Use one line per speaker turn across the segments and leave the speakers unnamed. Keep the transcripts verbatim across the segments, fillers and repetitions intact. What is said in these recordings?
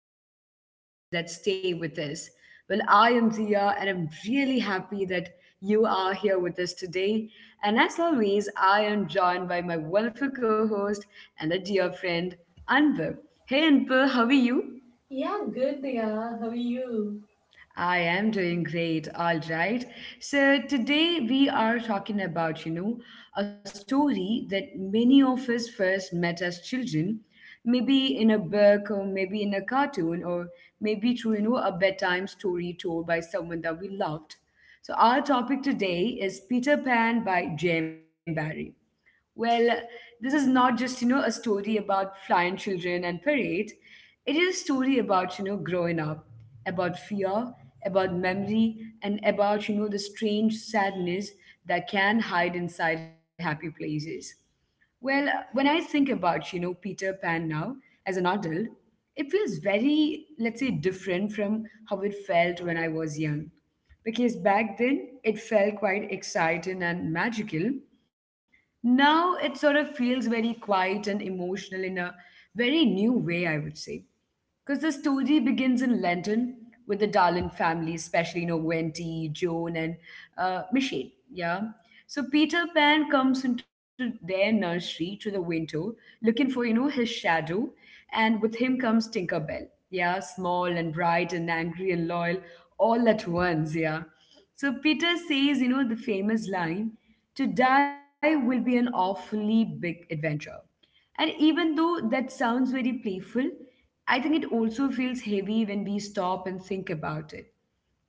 and share stories that stay with us. Well, I am Zia, and I'm really happy that you are here with us today. And as always, I am joined by my wonderful co host and a dear friend, Anbu. Hey, Anbu, how are you?
Yeah, good, Diya. How are you?
I am doing great, all right. So today we are talking about, you know, a story that many of us first met as children, maybe in a book or maybe in a cartoon or maybe through, you know, a bedtime story told by someone that we loved. So our topic today is Peter Pan by Jane Barry. Well, this is not just, you know, a story about flying children and parade. It is a story about, you know, growing up, about fear, about memory, and about, you know, the strange sadness that can hide inside happy places. Well, when I think about, you know, Peter Pan now as an adult, it feels very, let's say, different from how it felt when I was young. Because back then, it felt quite exciting and magical. Now it sort of feels very quiet and emotional in a very new way, I would say. Because the story begins in London with the Darlin family, especially, you know, Wendy, Joan, and uh, Michelle. Yeah. So Peter Pan comes into their nursery to the window looking for, you know, his shadow. And with him comes Tinker Bell. Yeah. Small and bright and angry and loyal all at once. Yeah. So Peter says, you know, the famous line to die will be an awfully big adventure. And even though that sounds very playful, I think it also feels heavy when we stop and think about it.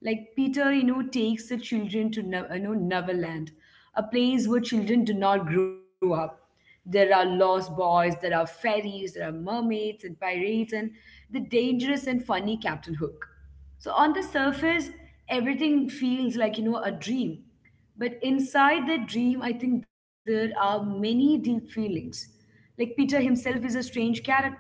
Like Peter, you know, takes the children to no- you know Neverland, a place where children do not grow up. There are lost boys, there are fairies, there are mermaids and pirates, and the dangerous and funny Captain Hook. So on the surface, everything feels like you know a dream, but inside the dream, I think there are many deep feelings. Like Peter himself is a strange character.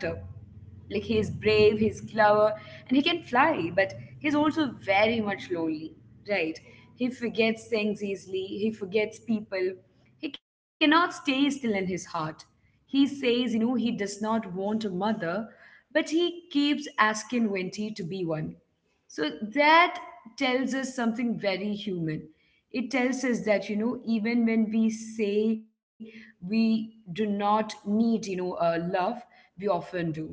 Like he is brave, he's clever, and he can fly, but he's also very much lonely, right? He forgets things easily, he forgets people. He cannot stay still in his heart. He says, you know, he does not want a mother, but he keeps asking Wenty to be one. So that tells us something very human. It tells us that, you know, even when we say we do not need, you know, uh, love, we often do.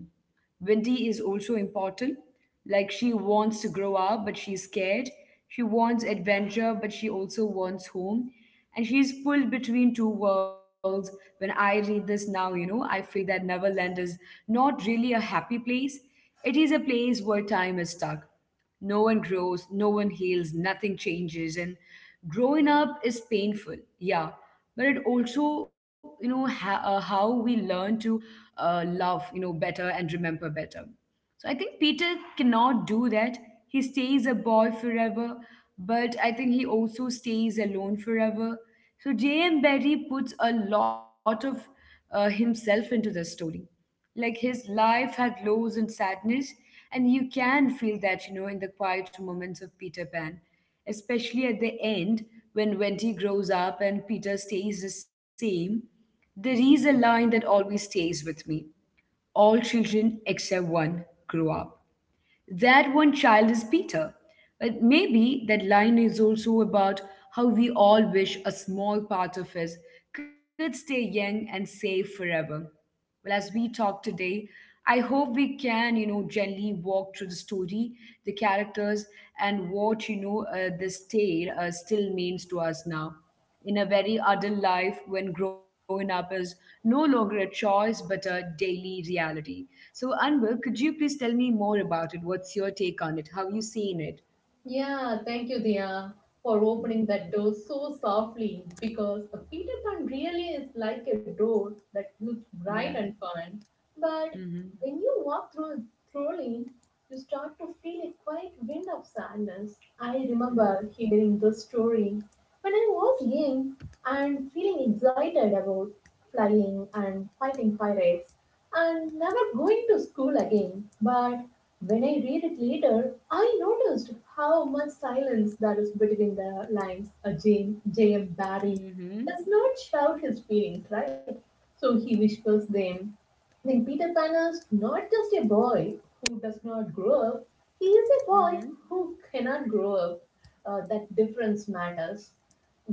Wendy is also important. Like she wants to grow up, but she's scared. She wants adventure, but she also wants home. And she's pulled between two worlds. When I read this now, you know, I feel that Neverland is not really a happy place. It is a place where time is stuck. No one grows, no one heals, nothing changes. And growing up is painful, yeah. But it also, you know, ha- uh, how we learn to uh, love, you know, better and remember better. So I think Peter cannot do that. He stays a boy forever, but I think he also stays alone forever. So J M. Barrie puts a lot of uh, himself into the story. Like his life had lows and sadness, and you can feel that you know in the quiet moments of Peter Pan, especially at the end, when Wendy grows up and Peter stays the same. There is a line that always stays with me: all children except one grow up. That one child is Peter. But maybe that line is also about how we all wish a small part of us could stay young and safe forever. Well, as we talk today, I hope we can, you know, gently walk through the story, the characters, and what, you know, uh, this tale uh, still means to us now in a very adult life when growing up is no longer a choice but a daily reality. So, Anvil, could you please tell me more about it? What's your take on it? How you seen it?
Yeah, thank you, Diya, for opening that door so softly because a Peter Pan really is like a door that looks
Yeah.
bright and fun. But
Mm-hmm.
when you walk through thoroughly, you start to feel a quiet wind of sadness. I remember
Mm-hmm.
hearing this story when I was young and feeling excited about flying and fighting pirates and never going to school again. But when I read it later, I noticed how much silence there is between the lines. A James, J M. Barry
Mm-hmm.
does not shout his feelings, right? So he whispers them. Then Peter Pan is not just a boy who does not grow up, he is a boy
Mm-hmm.
who cannot grow up. Uh, that difference matters.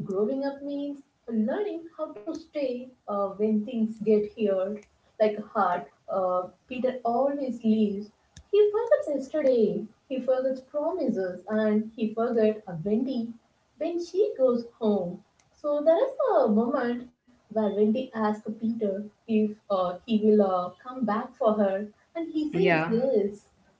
Growing up means learning how to stay uh, when things get hard, like a heart. Uh, Peter always leaves. He forgets yesterday, he forgets promises, and he forgets Wendy when she goes home. So there is a moment where Wendy asks Peter if uh, he will uh, come back for her, and he says
Yeah.
yes.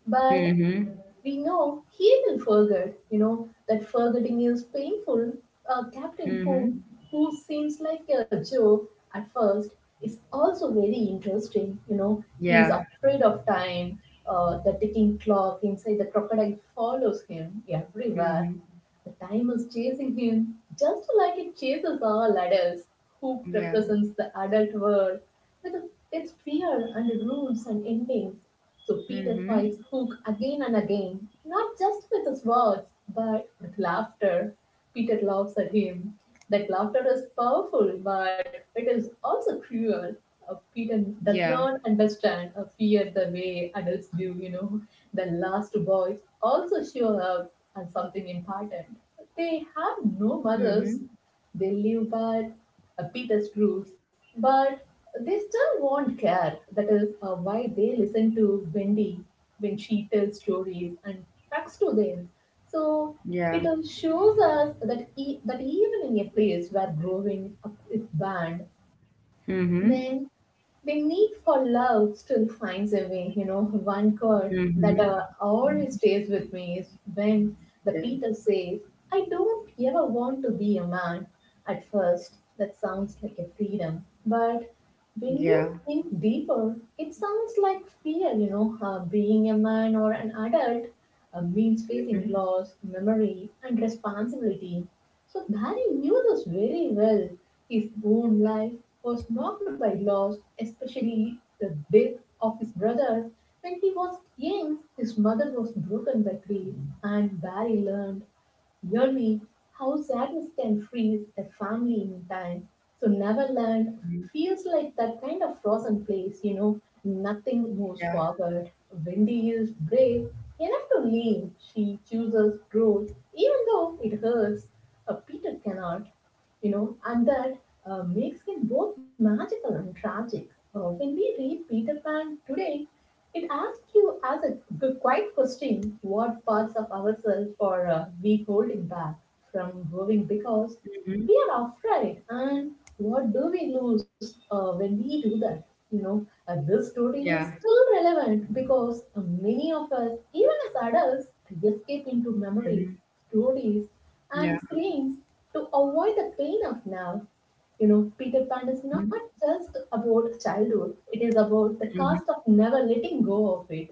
But
Mm-hmm.
we know he will forget, you know, that forgetting is painful. Uh, Captain Hook,
Mm-hmm.
who seems like a joke at first, is also very interesting. You know, he is
Yeah.
afraid of time. Uh, the ticking clock inside the crocodile follows him everywhere.
Mm-hmm.
The time is chasing him, just like it chases all adults. Hoop
Yeah.
represents the adult world with its fear and rules and endings. So Peter fights
Mm-hmm.
Hook again and again, not just with his words, but with laughter. Peter laughs at him. That laughter is powerful, but it is also cruel. Uh, Peter does
Yeah.
not understand or fear the way adults do, you know. The last boys also show up as something important. They have
Mm-hmm.
no mothers. They live by uh, Peter's rules, but they still want care. That is uh, why they listen to Wendy when she tells stories and talks to them. So
Yeah.
it all shows us that e- that even in a place where growing up is banned, then
Mm-hmm.
the need for love still finds a way. You know, one chord that
Mm-hmm.
uh, always stays with me is when the
Yeah.
Peter says, I don't ever want to be a man. At first, that sounds like a freedom, but when
Yeah.
you think deeper, it sounds like fear. You know, uh, being a man or an adult uh, means facing
Mm-hmm.
loss, memory, and responsibility. So Barry knew this very well. His own life was marked by loss, especially the death of his brother. When he was young, his mother was broken by grief, and Barry learned yearly, house arrest can freeze a family in time. So Neverland feels like that kind of frozen place, you know. Nothing
Yeah.
moves forward. Wendy is brave enough to leave. She chooses growth, even though it hurts. Uh, Peter cannot, you know, and that uh, makes it both magical and tragic. Uh, when we read Peter Pan today, it asks you as a g- quiet question, what parts of ourselves are uh, we holding back from growing because
Mm-hmm.
we are afraid, and what do we lose uh, when we do that? You know, uh, this story
Yeah.
is still relevant because uh, many of us, even as adults, escape into
Mhm.
memories, stories,
Yeah.
and screens to avoid the pain of now. You know, Peter Pan is
Mhm.
not just about childhood, it is about the
Mhm.
cost of never letting go of it.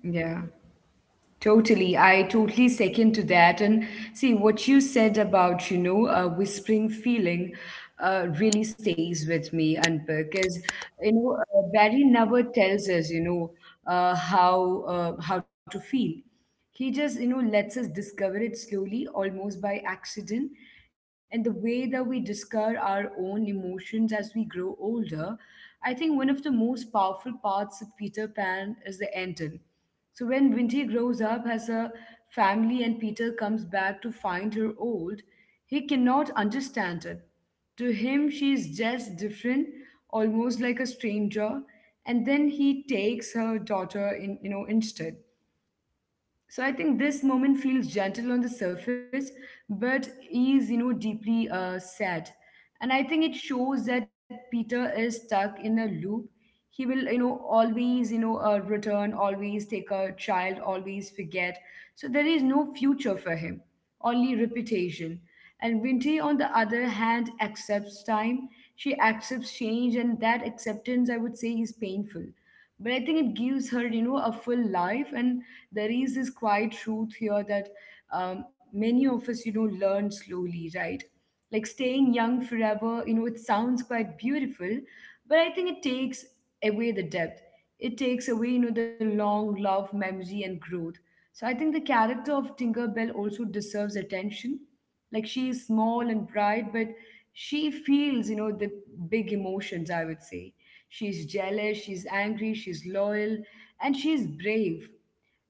Yeah. Totally. I totally second to that. And see, what you said about, you know, a whispering feeling uh, really stays with me, and because, you know, uh, Barry never tells us, you know, uh, how, uh, how to feel. He just, you know, lets us discover it slowly, almost by accident. And the way that we discover our own emotions as we grow older, I think one of the most powerful parts of Peter Pan is the ending. So when Winty grows up, has a family, and Peter comes back to find her old, he cannot understand it. To him, she is just different, almost like a stranger, and then he takes her daughter in, you know, instead. So I think this moment feels gentle on the surface, but is you know deeply uh, sad, and I think it shows that Peter is stuck in a loop. He will you know always you know uh, return, always take a child, always forget. So there is no future for him, only reputation. And Vinti, on the other hand, accepts time. She accepts change, and that acceptance, I would say, is painful, but I think it gives her you know a full life. And there is this quiet truth here that um, many of us you know learn slowly, right? Like staying young forever, you know it sounds quite beautiful, but I think it takes away the depth. It takes away you know the long love memory and growth. So I think the character of tinkerbell also deserves attention. Like she is small and bright, but she feels, you know, the big emotions, I would say. She's jealous, she's angry, she's loyal, and she's brave.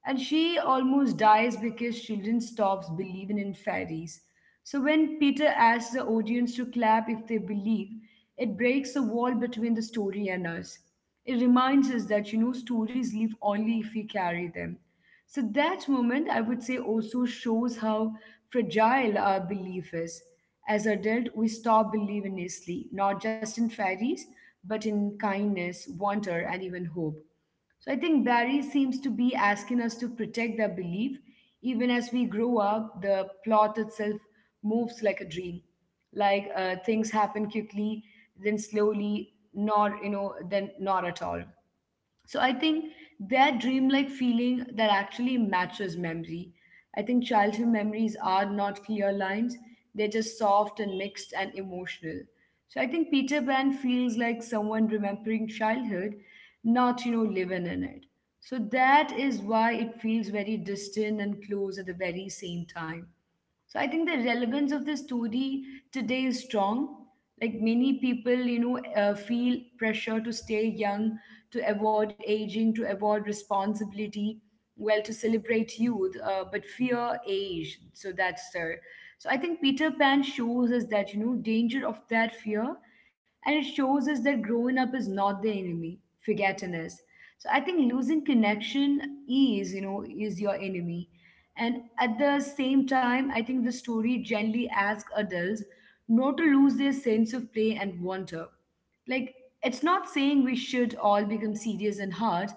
And she almost dies because she didn't stop believing in fairies. So when Peter asks the audience to clap if they believe, it breaks the wall between the story and us. It reminds us that, you know, stories live only if we carry them. So that moment, I would say, also shows how fragile our belief is. As adults, we stop believing easily, not just in fairies, but in kindness, wonder, and even hope. So I think Barry seems to be asking us to protect that belief. Even as we grow up, the plot itself moves like a dream. Like uh, things happen quickly, then slowly, not you know, then not at all. So I think that dreamlike feeling that actually matches memory. I think childhood memories are not clear lines, they're just soft and mixed and emotional. So I think Peter Pan feels like someone remembering childhood, not, you know, living in it. So that is why it feels very distant and close at the very same time. So I think the relevance of the story today is strong. Like many people, you know, uh, feel pressure to stay young, to avoid aging, to avoid responsibility, well, to celebrate youth, uh, but fear age. So that's there. So I think Peter Pan shows us that, you know, danger of that fear. And it shows us that growing up is not the enemy, forgetting is. So I think losing connection is, you know, is your enemy. And at the same time, I think the story gently asks adults not to lose their sense of play and wonder. Like, it's not saying we should all become serious and hard,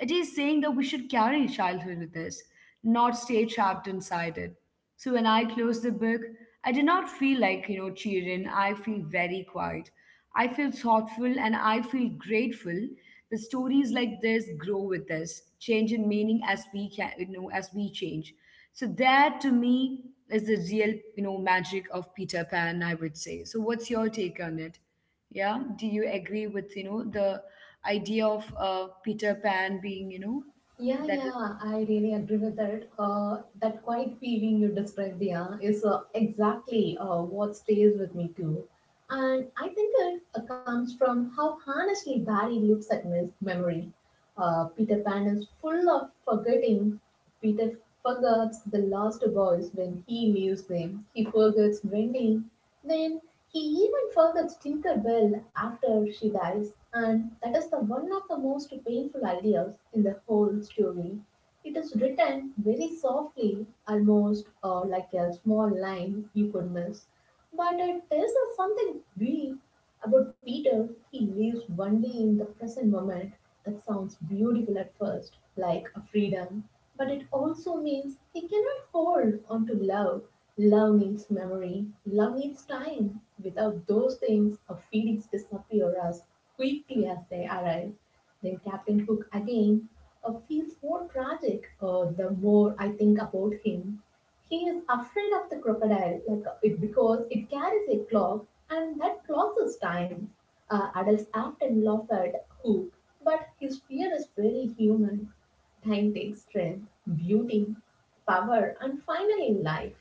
it is saying that we should carry childhood with us, not stay trapped inside it. So when I closed the book, I did not feel like, you know, cheering. I feel very quiet. I feel thoughtful and I feel grateful. The stories like this grow with us, change in meaning as we can, you know, as we change. So that to me is the real, you know, magic of Peter Pan, I would say. So what's your take on it? Yeah, do you agree with, you know, the idea of uh, Peter Pan being, you know,
Yeah,
that.
yeah, I really agree with that. Uh, that quiet feeling you described there is uh, exactly uh, what stays with me too. And I think it uh, comes from how honestly Barry looks at his memory. Uh, Peter Pan is full of forgetting. Peter forgets the lost boys when he leaves them. He forgets Wendy. Then he even forgets Tinkerbell after she dies, and that is the one of the most painful ideas in the whole story. It is written very softly, almost uh, like a small line you could miss. But it tells us something deep about Peter. He lives only in the present moment. That sounds beautiful at first, like a freedom, but it also means he cannot hold on to love. Love needs memory, love needs time. Without those things, our feelings disappear as quickly as they arrive. Then Captain Hook again uh, feels more tragic uh, the more I think about him. He is afraid of the crocodile like uh, it because it carries a clock, and that clock is time. Uh, adults often laugh at Hook, but his fear is very human. Time takes strength, beauty, power, and finally life.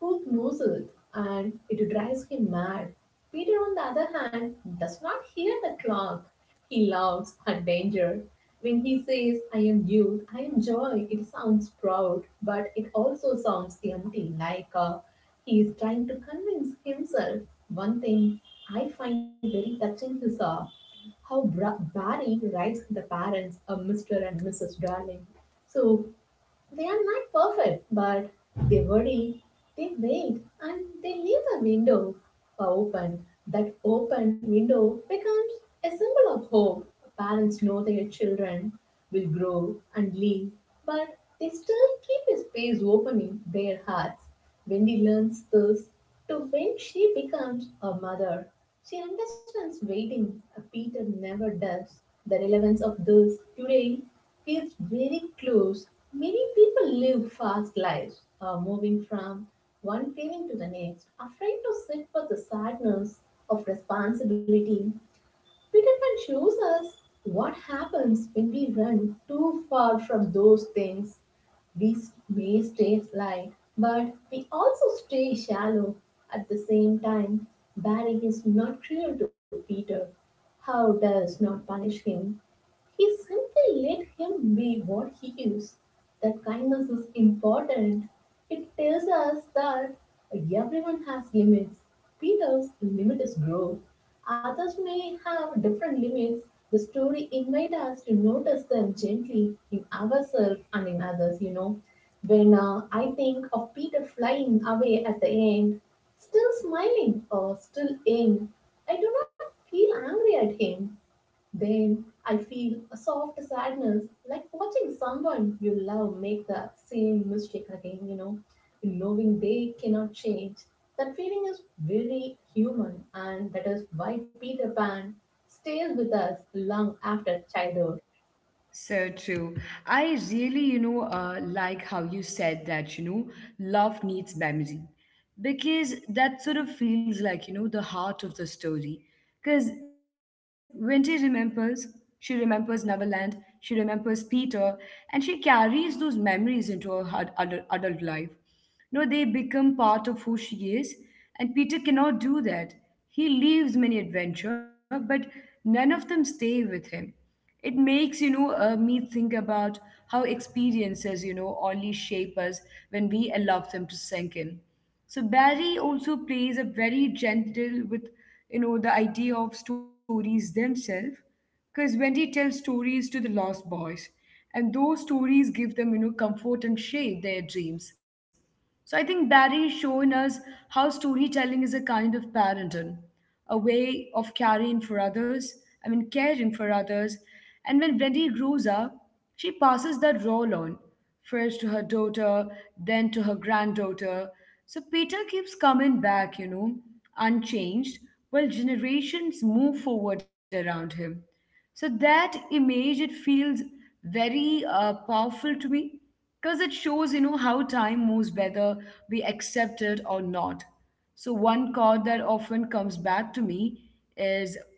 Hook knows it, and it drives him mad. Peter, on the other hand, does not hear the clock. He laughs at danger. When he says, I am youth, I am joy, it sounds proud, but it also sounds empty, like uh, he is trying to convince himself. One thing I find very touching is uh, how Bra- Barry writes the parents, a mister and missus Darling. So they are not perfect, but they worry, they wait, and they leave a window open. That open window becomes a symbol of hope. Parents know their children will grow and leave, but they still keep a space open in their hearts. Wendy learns this to when she becomes a mother. She understands waiting, a Peter never does. The relevance of this today feels very close. Many people live fast lives, uh, moving from one feeling to the next, afraid to sit with the sadness of responsibility. Peterson shows us what happens when we run too far from those things. We may stay light, but we also stay shallow at the same time. Barry is not cruel to Peter. How does not punish him, he simply let him be what he is. That kindness is important. It tells us that everyone has limits. Peter's limit is growth. Others may have different limits. The story invites us to notice them gently in ourselves and in others, you know. When uh, I think of Peter flying away at the end, still smiling or still in, I do not feel angry at him. Then I feel a soft sadness, like watching someone you love make the same mistake again, you know, knowing they cannot change. That feeling is very human, and that is why Peter Pan stays with us long after childhood.
So true. I really, you know, uh, like how you said that, you know, love needs memory because that sort of feels like, you know, the heart of the story. Because when she remembers, she remembers Neverland, she remembers Peter, and she carries those memories into her hud- adult, adult life. No, they become part of who she is, and Peter cannot do that. He leaves many adventure, but none of them stay with him. It makes you know uh, me think about how experiences you know only shape us when we allow them to sink in. So Barry also plays a very gentle with you know the idea of stories themselves, because Wendy tells stories to the lost boys, and those stories give them you know comfort and shape their dreams. So I think Barry is showing us how storytelling is a kind of parenting, a way of caring for others, I mean, caring for others. And when Wendy grows up, she passes that role on, first to her daughter, then to her granddaughter. So Peter keeps coming back, you know, unchanged, while generations move forward around him. So that image, it feels very uh, powerful to me, because it shows you know how time moves whether we accept it or not. So one quote that often comes back to me is,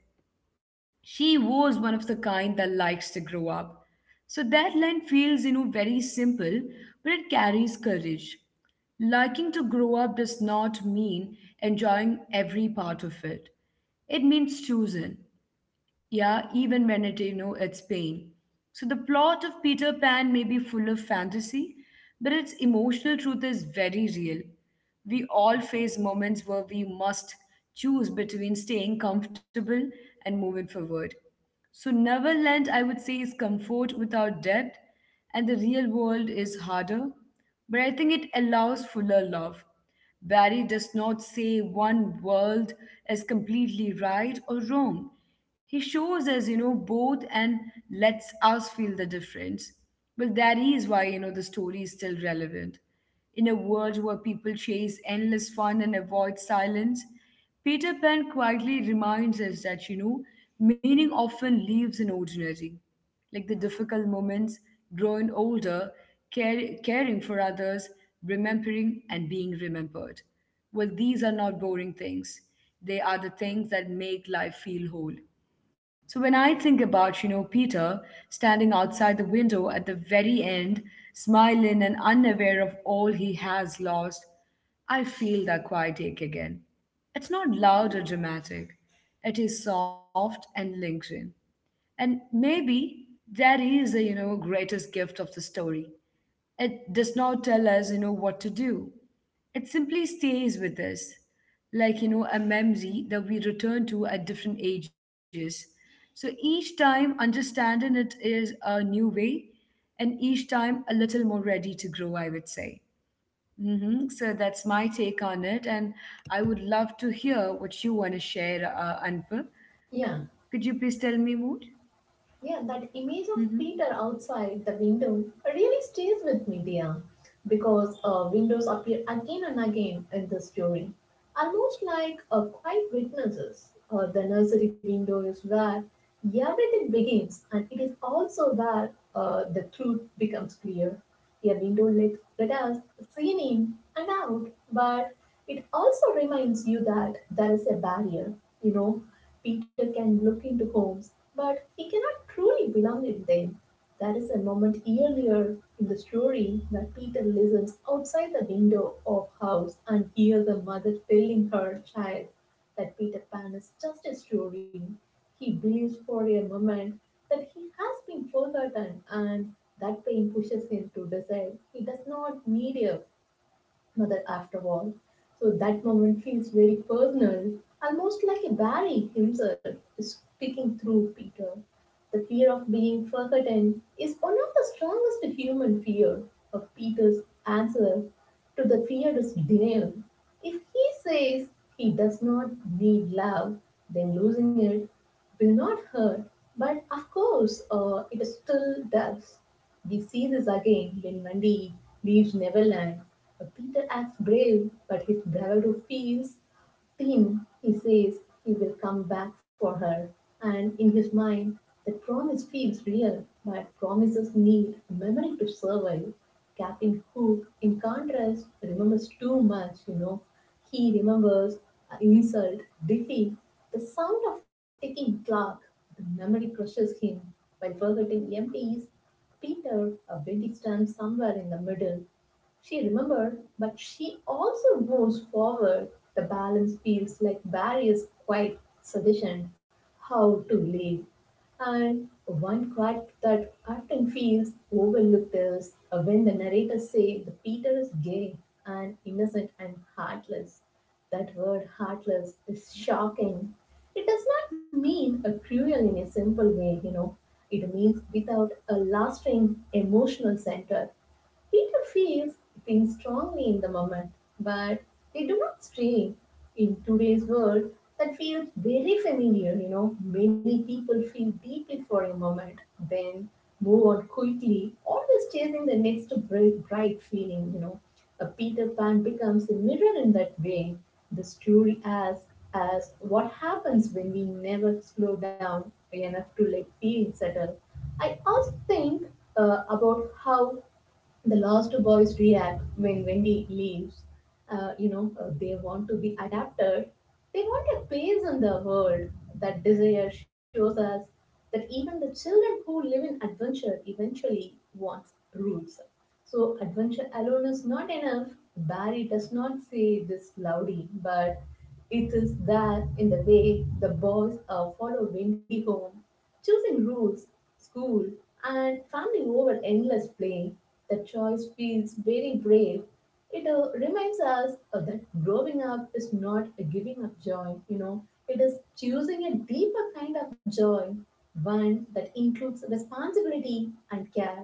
she was one of the kind that likes to grow up. So that line feels you know very simple, but it carries courage. Liking to grow up does not mean enjoying every part of it. It means choosing, yeah, even when it, you know, it's pain. So the plot of Peter Pan may be full of fantasy, but its emotional truth is very real. We all face moments where we must choose between staying comfortable and moving forward. So Neverland, I would say, is comfort without depth, and the real world is harder, but I think it allows fuller love. Barry does not say one world is completely right or wrong. He shows us, you know, both, and lets us feel the difference. Well, that is why, you know, the story is still relevant. In a world where people chase endless fun and avoid silence, Peter Pan quietly reminds us that, you know, meaning often lives in ordinary, like the difficult moments, growing older, care, caring for others, remembering and being remembered. Well, these are not boring things. They are the things that make life feel whole. So when I think about, you know, Peter standing outside the window at the very end, smiling and unaware of all he has lost, I feel that quiet ache again. It's not loud or dramatic. It is soft and lingering. And maybe that is the, you know, greatest gift of the story. It does not tell us, you know, what to do. It simply stays with us, like, you know, a memory that we return to at different ages. So each time understanding it is a new way, and each time a little more ready to grow, I would say. hmm So that's my take on it. And I would love to hear what you want to share, uh, Anpa.
Yeah.
Could you please tell me more?
Yeah, that image of
Mm-hmm.
Peter outside the window really stays with me, dear, because uh, windows appear again and again in the story, almost like uh, quiet witnesses. Uh, the nursery window is where everything begins, and it is also where uh, the truth becomes clear. A window let, let us see in and out, but it also reminds you that there is a barrier. You know, Peter can look into homes, but he cannot truly belong in them. There is a moment earlier in the story where Peter listens outside the window of house and hears a mother telling her child that Peter Pan is just a story. He believes for a moment that he has been forgotten and that pain pushes him to decide he does not need a mother after all. So that moment feels very personal, almost like a Barry himself is speaking through Peter. The fear of being forgotten is one of the strongest human fear. Of Peter's answer to the fear is denial. If he says he does not need love, then losing it will not hurt. But of course, uh, it still does. We see this again when Wendy leaves Neverland. Uh, Peter acts brave, but his bravado feels Tim, he says he will come back for her, and in his mind, that promise feels real, but promises need a memory to survive. Captain Hook, in contrast, remembers too much, you know. He remembers uh, insult, defeat, the sound of ticking clock. The memory crushes him by forgetting empties. Peter, a bendy stands somewhere in the middle, she remembered, but she also moves forward. The balance feels like barriers quite suggestion how to live. And one quote that often feels overlooked is when the narrators say the Peter is gay and innocent and heartless. That word heartless is shocking. It does not mean a cruel in a simple way, you know. It means without a lasting emotional center. Peter feels things strongly in the moment, but they do not stay. In today's world, that feels very familiar, you know. Many people feel deeply for a moment, then move on quickly, always chasing the next bright, bright feeling, you know. A Peter Pan becomes a mirror in that way. The story asks us what happens when we never slow down enough to let feelings settle. I also think uh, about how the lost boys react when Wendy leaves. Uh, you know, uh, they want to be adapted. They want a place in the world. That desire shows us that even the children who live in adventure eventually wants rules. So adventure alone is not enough. Barry does not say this loudly, but it is there in the way the boys uh, follow Wendy home, choosing rules, school, and family over endless play. The choice feels very brave. It uh, reminds us uh, that growing up is not a giving up joy, you know, it is choosing a deeper kind of joy, one that includes responsibility and care.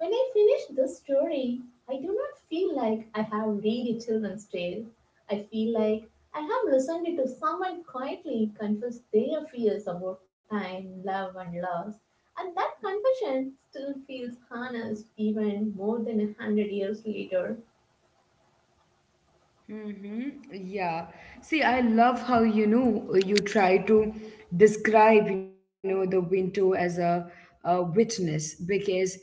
When I finish this story, I do not feel like I have read a children's tale. I feel like I have listened to someone quietly confess their fears about time, love, and loss. And that confession still feels honest even more than a hundred years later.
Mm-hmm. Yeah. See, I love how you know you try to describe you know the window as a, a witness, because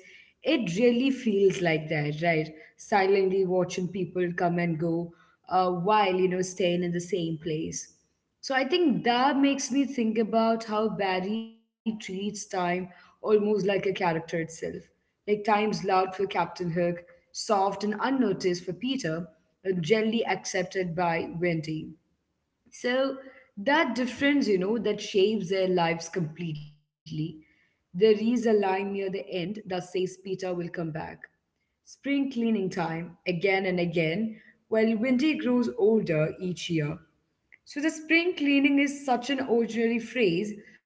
it really feels like that, right? Silently watching people come and go, uh, while you know staying in the same place. So I think that makes me think about how Barry treats time almost like a character itself. Like times loud for Captain Hook, soft and unnoticed for Peter, and gently accepted by Wendy. So that difference, you know, that shapes their lives completely. There is a line near the end that says Peter will come back. Spring cleaning time, again and again, while Wendy grows older each year. So the spring cleaning is such an ordinary phrase,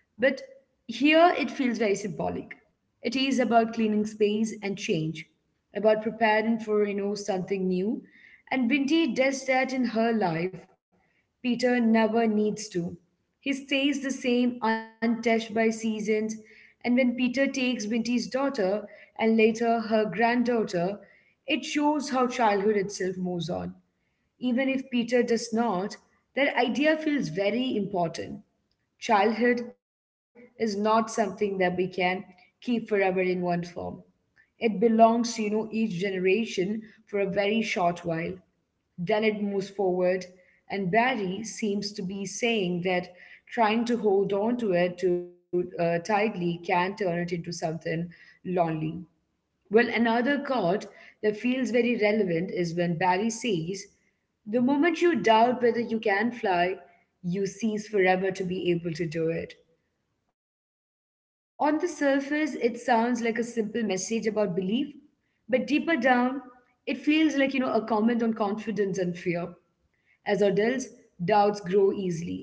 but here it feels very symbolic. It is about cleaning space and change, about preparing for you know something new. And Binti does that in her life. Peter never needs to. He stays the same, untouched by seasons. And when Peter takes Binti's daughter and later her granddaughter, it shows how childhood itself moves on. Even if Peter does not, that idea feels very important. Childhood is not something that we can keep forever in one form. It belongs to, you know, each generation for a very short while. Then it moves forward, and Barry seems to be saying that trying to hold on to it too uh, tightly can turn it into something lonely. Well, another quote that feels very relevant is when Barry says, the moment you doubt whether you can fly, you cease forever to be able to do it. On the surface, it sounds like a simple message about belief, but deeper down, it feels like, you know, a comment on confidence and fear. As adults, doubts grow easily.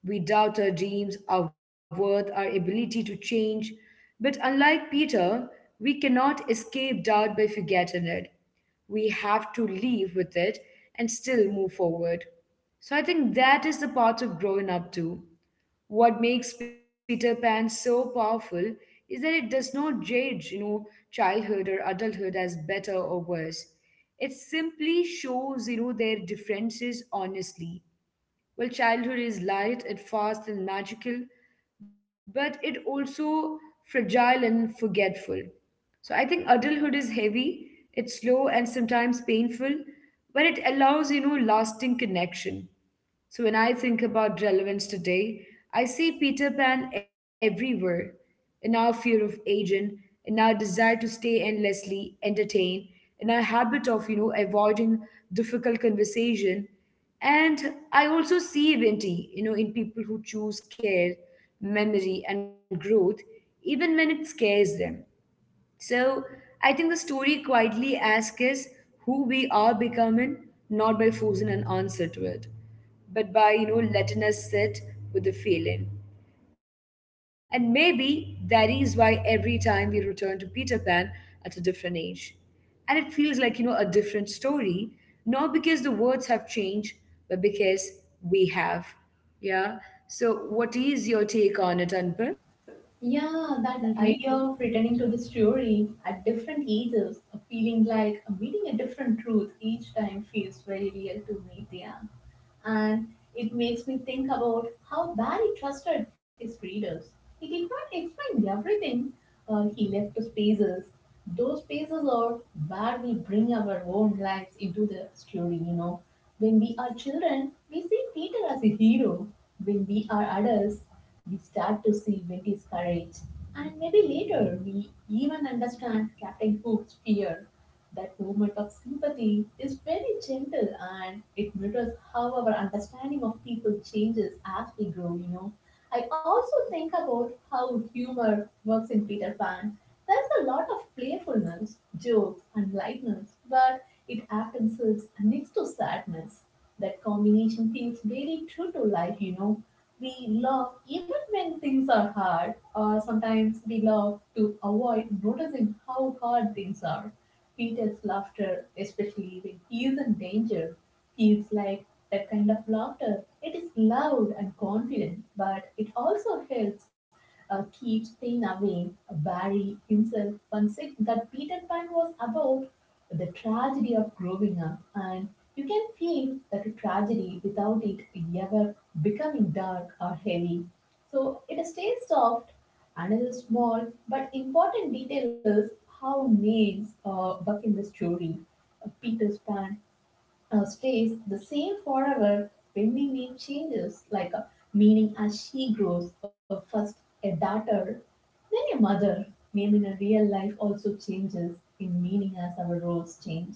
We doubt our dreams, our worth, our ability to change. But unlike Peter, we cannot escape doubt by forgetting it. We have to live with it and still move forward. So I think that is the part of growing up too. What makes Peter Pan so powerful is that it does not judge, you know, childhood or adulthood as better or worse. It simply shows, you know, their differences honestly. Well, childhood is light and fast and magical, but it also fragile and forgetful. So I think adulthood is heavy, it's slow and sometimes painful, but it allows, you know, lasting connection. So when I think about relevance today, I see Peter Pan everywhere, in our fear of aging, in our desire to stay endlessly entertained, in our habit of, you know, avoiding difficult conversation. And I also see Vinti, you know, in people who choose care, memory, and growth, even when it scares them. So I think the story quietly asks us who we are becoming, not by forcing an answer to it, but by you know letting us sit with the feeling. And maybe that is why every time we return to Peter Pan at a different age. And it feels like, you know, a different story, not because the words have changed, but because we have. Yeah. So, what is your take on it, Anpal?
Yeah, that
Mm-hmm.
idea of returning to the story at different ages, feeling like meeting a different truth each time feels very real to me, Dia. And it makes me think about how Barry trusted his readers. He did not explain everything. Uh, he left to spaces. Those spaces are where we bring our own lives into the story, you know. When we are children, we see Peter as a hero. When we are adults, we start to see Wendy's courage. And maybe later, we even understand Captain Hook's fear. That moment of sympathy is very gentle and it mirrors how our understanding of people changes as we grow, you know. I also think about how humor works in Peter Pan. There's a lot of playfulness, jokes, and lightness, but it often sits next to sadness. That combination feels very true to life, you know. We laugh even when things are hard, or sometimes we laugh to avoid noticing how hard things are. Peter's laughter, especially when he is in danger, feels like that kind of laughter. It is loud and confident, but it also helps uh, keep Stain away. Barry himself once said that Peter Pan was about the tragedy of growing up, and you can feel that tragedy without it ever becoming dark or heavy. So it stays soft. Another small but important detail is how names uh, buck in the story. Uh, Peter's Pan uh, stays the same forever. When the name changes, like a meaning as she grows. Uh, first a daughter, being a mother, name in a real life, also changes in meaning as our roles change.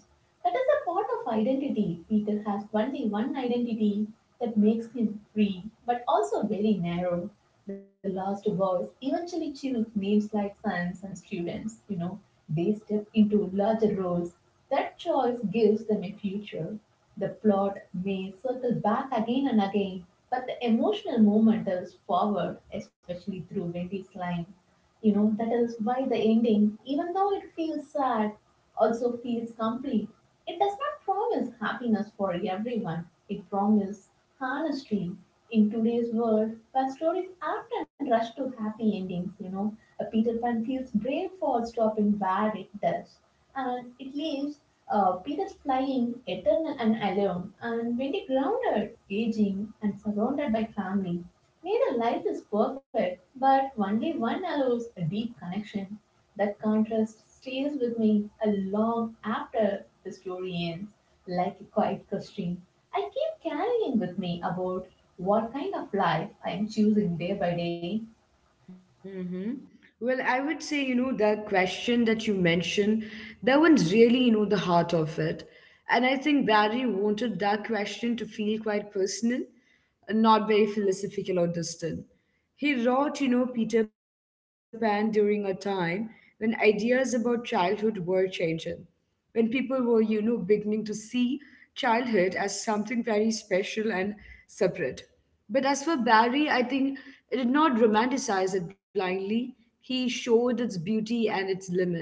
That is a part of identity. Peter has only one identity that makes him free, but also very narrow. The lost boys eventually choose names like sons and students. You know, they step into larger roles. That choice gives them a future. The plot may circle back again and again, but the emotional moment is forward, especially through Wendy's line. You know, that is why the ending, even though it feels sad, also feels complete. It does not promise happiness for everyone, it promises honesty. In today's world, where stories often rush to happy endings, you know, a Peter Pan feels brave for stopping where it does. And it leaves uh, Peter's flying eternal and alone, and very grounded, aging, and surrounded by family. Neither life is perfect, but only one allows a deep connection. That contrast stays with me a long after the story ends, like a quiet question I keep carrying with me about what kind of life I am choosing day by day.
Mm-hmm. Well, I would say, you know, the question that you mentioned, that one's really, you know, the heart of it. And I think Barry wanted that question to feel quite personal and not very philosophical or distant. He wrote, you know, Peter Pan during a time when ideas about childhood were changing, when people were, you know, beginning to see childhood as something very special and separate. But as for Barry, I think it did not romanticize it blindly. He showed its beauty and its limit.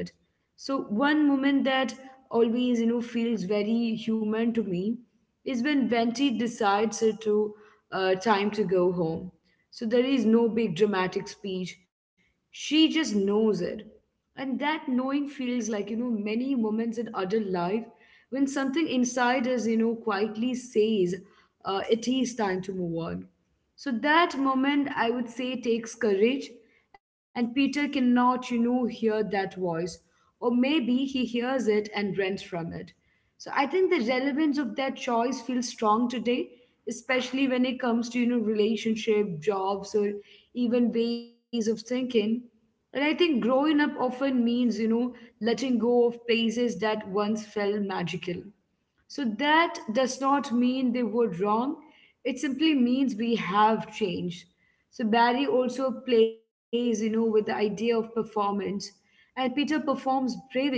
So one moment that always, you know, feels very human to me is when Venti decides it to uh, time to go home. So there is no big dramatic speech. She just knows it. And that knowing feels like, you know, many moments in adult life when something inside us, you know, quietly says uh, it is time to move on. So that moment, I would say, takes courage. And Peter cannot, you know, hear that voice. Or maybe he hears it and runs from it. So I think the relevance of that choice feels strong today, especially when it comes to, you know, relationship, jobs, or even ways of thinking. And I think growing up often means, you know, letting go of places that once felt magical. So that does not mean they were wrong. It simply means we have changed. So Barry also plays, you know, with the idea of performance. And Peter performs bravery,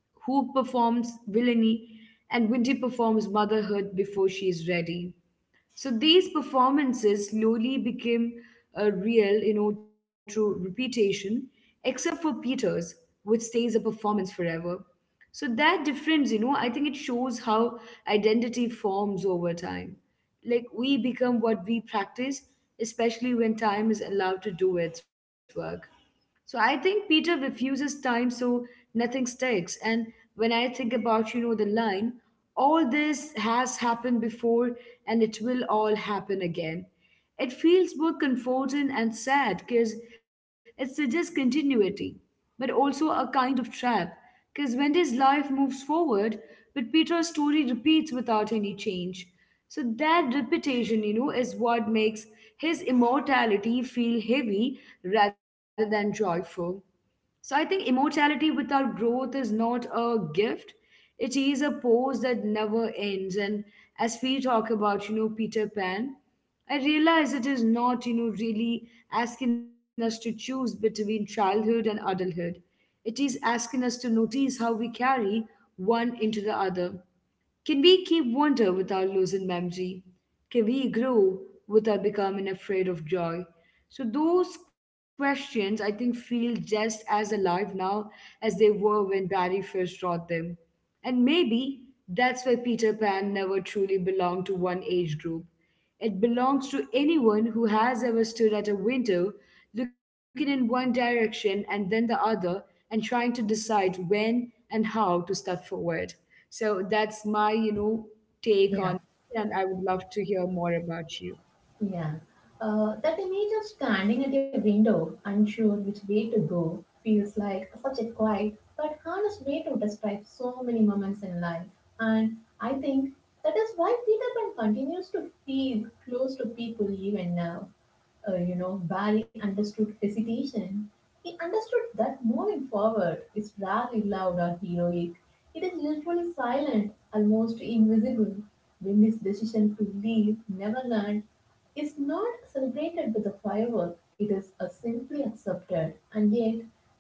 Hoop performs villainy, and Winty performs motherhood before she is ready. So these performances slowly became a real, you know, through reputation, except for Peter's, which stays a performance forever. So that difference, you know, I think it shows how identity forms over time. Like we become what we practice, especially when time is allowed to do its work. So I think Peter refuses time so nothing sticks. And when I think about, you know, the line, all this has happened before and it will all happen again. It feels both comforting and sad, because it suggests continuity, but also a kind of trap, because Wendy's life moves forward, but Peter's story repeats without any change. So that repetition, you know, is what makes his immortality feel heavy rather than joyful. So I think immortality without growth is not a gift. It is a pose that never ends. And as we talk about, you know, Peter Pan, I realize it is not, you know, really asking us to choose between childhood and adulthood. It is asking us to notice how we carry one into the other. Can we keep wonder without losing memory? Can we grow without becoming afraid of joy? So, those questions I think feel just as alive now as they were when Barry first wrote them. And maybe that's why Peter Pan never truly belonged to one age group. It belongs to anyone who has ever stood at a window looking in one direction and then the other and trying to decide when and how to step forward. So that's my, you know, take
Yeah.
on it, and I would love to hear more about you.
Yeah. Uh, that image of standing at a window, unsure which way to go, feels like such a quiet but honest way to describe so many moments in life. And I think that is why Peter Pan continues to feel close to people even now. Uh, you know, Barry understood hesitation. He understood that moving forward is rarely loud or heroic. It is usually silent, almost invisible. Wendy's decision to leave Neverland is not celebrated with a firework, it is uh, simply accepted. And yet,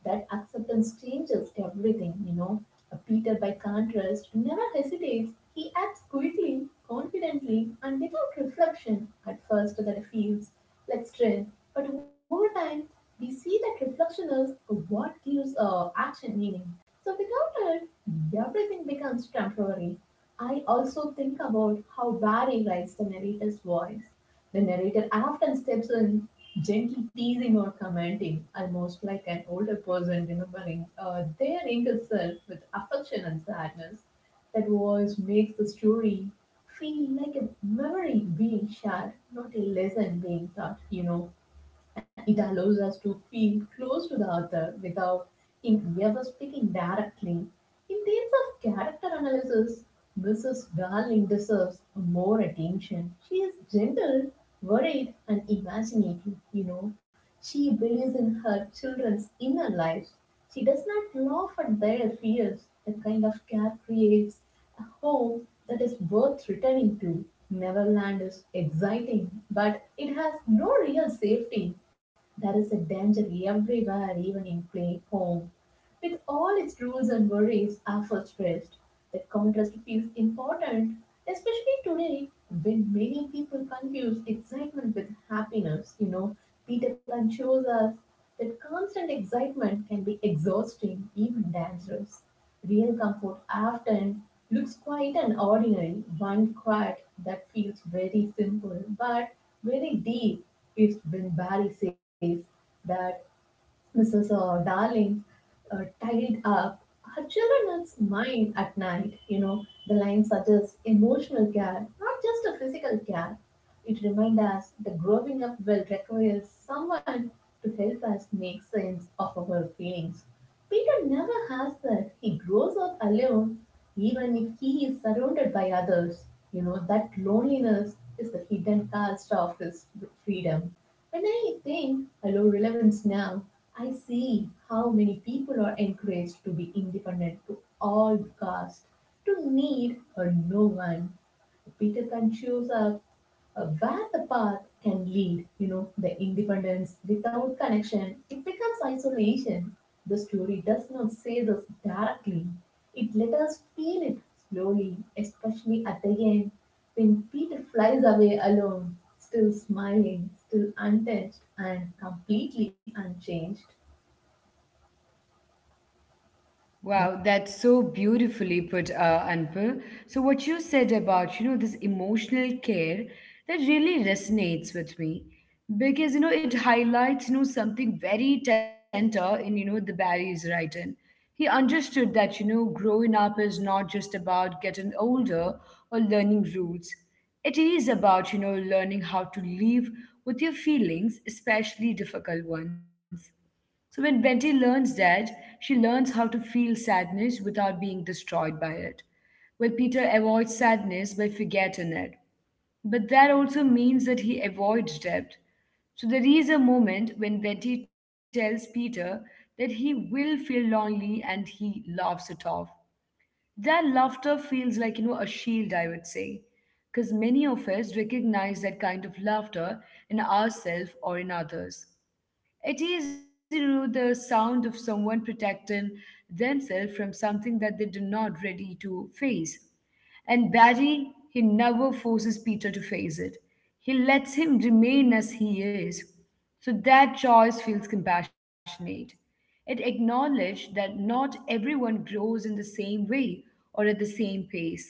that acceptance changes everything, you know. Uh, Peter, by contrast, never hesitates. He acts quickly, confidently, and without reflection. At first, that feels like strength, but over time, we see that reflection is what gives uh, action meaning. So, without it, everything becomes temporary. I also think about how Barry writes the narrator's voice. The narrator often steps in, gently teasing or commenting, almost like an older person remembering uh, their younger self with affection and sadness. That voice makes the story feel like a memory being shared, not a lesson being taught, you know. It allows us to feel close to the author without him ever speaking directly. In terms of character analysis, Missus Darling deserves more attention. She is gentle, worried, and imaginative. You know, she believes in her children's inner lives. She does not laugh at their fears. That kind of care creates a home that is worth returning to. Neverland is exciting, but it has no real safety. There is a danger everywhere, even in play home with all its rules and worries are frustrated. That contrast feels important, especially today when many people confuse excitement with happiness. You know, Peter Pan shows us that constant excitement can be exhausting, even dangerous. Real comfort often looks quite an ordinary, one quiet that feels very simple but very deep is when Barry says that Missus uh, Darling uh, tied up are children's mind at night. You know, the line suggests emotional care, not just a physical care. It reminds us that growing up will require someone to help us make sense of our feelings. Peter never has that. He grows up alone, even if he is surrounded by others. You know, that loneliness is the hidden cost of his freedom. When I think hello relevance now, I see how many people are encouraged to be independent to all costs, to need or no one. Peter can choose up uh, where the path can lead. You know, the independence without connection, it becomes isolation. The story does not say this directly. It let us feel it slowly, especially at the end when Peter flies away alone, still smiling, still untouched, and completely unchanged.
Wow, that's so beautifully put, uh, Anpal. So what you said about, you know, this emotional care, that really resonates with me because, you know, it highlights, you know, something very tender in, you know, the Barry's writing. He understood that, you know, growing up is not just about getting older or learning rules. It is about, you know, learning how to live with your feelings, especially difficult ones. So when Betty learns that, she learns how to feel sadness without being destroyed by it. Well, Peter avoids sadness by forgetting it, but that also means that he avoids debt. So there is a moment when Betty tells Peter that he will feel lonely and he laughs it off. That laughter feels like, you know, a shield, I would say, because many of us recognize that kind of laughter in ourselves or in others. It is, you know, the sound of someone protecting themselves from something that they do not ready to face. And Barry, he never forces Peter to face it. He lets him remain as he is. So that choice feels compassionate. It acknowledged that not everyone grows in the same way or at the same pace.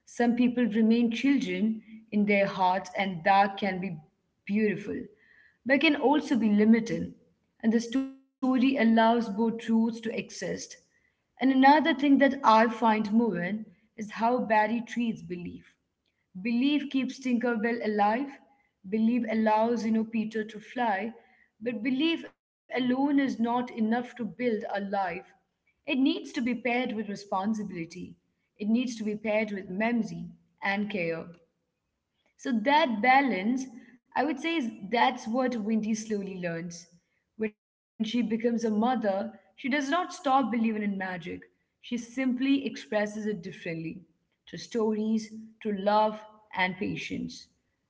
Some people remain children in their hearts, and that can be beautiful, but can also be limiting. And the story allows both truths to exist. And another thing that I find moving is how Barry treats belief. Belief keeps Tinkerbell alive. Belief allows, you know, Peter to fly. But belief alone is not enough to build a life. It needs to be paired with responsibility. It needs to be paired with memory and care. So that balance, I would say, is that's what Windy slowly learns. When she becomes a mother, she does not stop believing in magic. She simply expresses it differently through stories, through love and patience.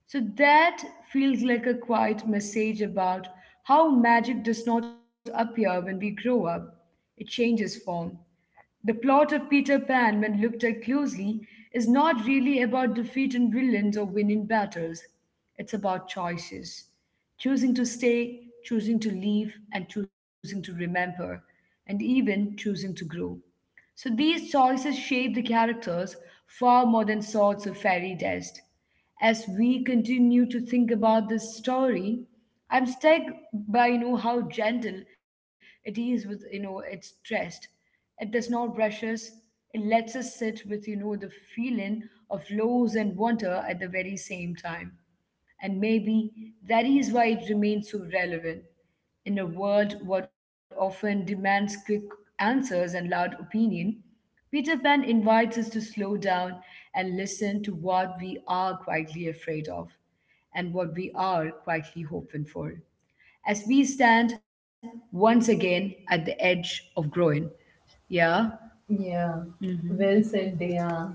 So that feels like a quiet message about how magic does not appear when we grow up. It changes form. The plot of Peter Pan, when looked at closely, is not really about defeating villains or winning battles. It's about choices, choosing to stay, choosing to leave, and choosing to remember, and even choosing to grow. So these choices shape the characters far more than swords of fairy dust. As we continue to think about this story, I'm struck by you know how gentle it is with you know its trust. It does not rush us. It lets us sit with you know the feeling of loss and wonder at the very same time. And maybe that is why it remains so relevant. In a world what often demands quick answers and loud opinion, Peter Pan invites us to slow down and listen to what we are quietly afraid of and what we are quietly hoping for. As we stand once again at the edge of growing. Yeah.
Yeah,
Mm-hmm.
well said, Dia.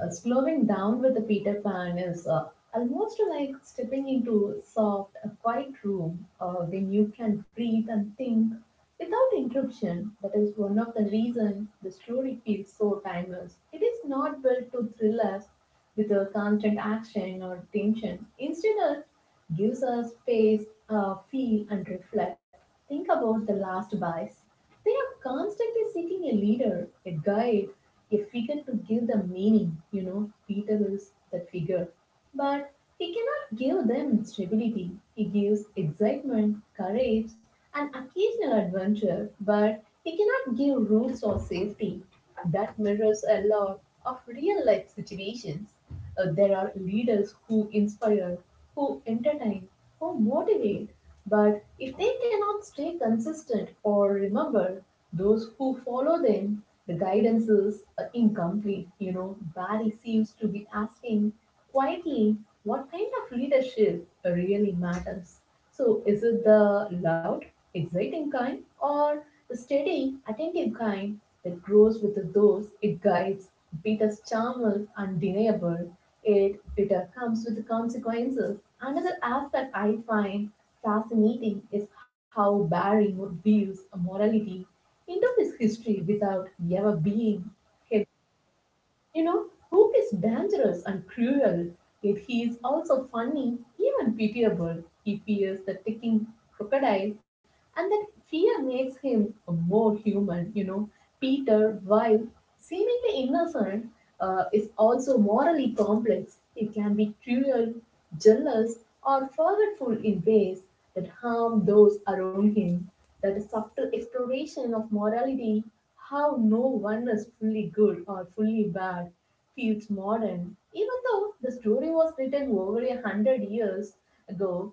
Uh, slowing down with the Peter Pan is uh, almost like stepping into a soft, a quiet room uh, when you can breathe and think without interruption. That is one of the reasons the story feels so timeless. It is not built to thrill us with a constant action or tension. Instead, it gives us space, uh, feel, and reflect. Think about the last buys. They are constantly seeking a leader, a guide, a figure to give them meaning. You know, Peter is that figure. But he cannot give them stability. He gives excitement, courage, and occasional adventure, but he cannot give roots or safety. That mirrors a lot of real life situations. Uh, there are leaders who inspire, who entertain, who motivate but if they cannot stay consistent or remember those who follow them, the guidance is uh, incomplete. You know, Barry seems to be asking quietly what kind of leadership really matters. So, is it the loud, exciting kind or the steady, attentive kind that grows with those it guides? Peter's charm is undeniable. It, it uh, comes with consequences. Another aspect I find fascinating is how Barry views morality into his history without ever being heavily, you know, Hook is dangerous and cruel, yet he is also funny, even pitiable. He fears the ticking crocodile, and that fear makes him more human, you know. Peter, while seemingly innocent, uh, is also morally complex. He can be cruel, jealous, or forgetful in ways that harm those around him. That subtle exploration of morality how no one is fully good or fully bad feels modern, even though the story was written over a hundred years ago.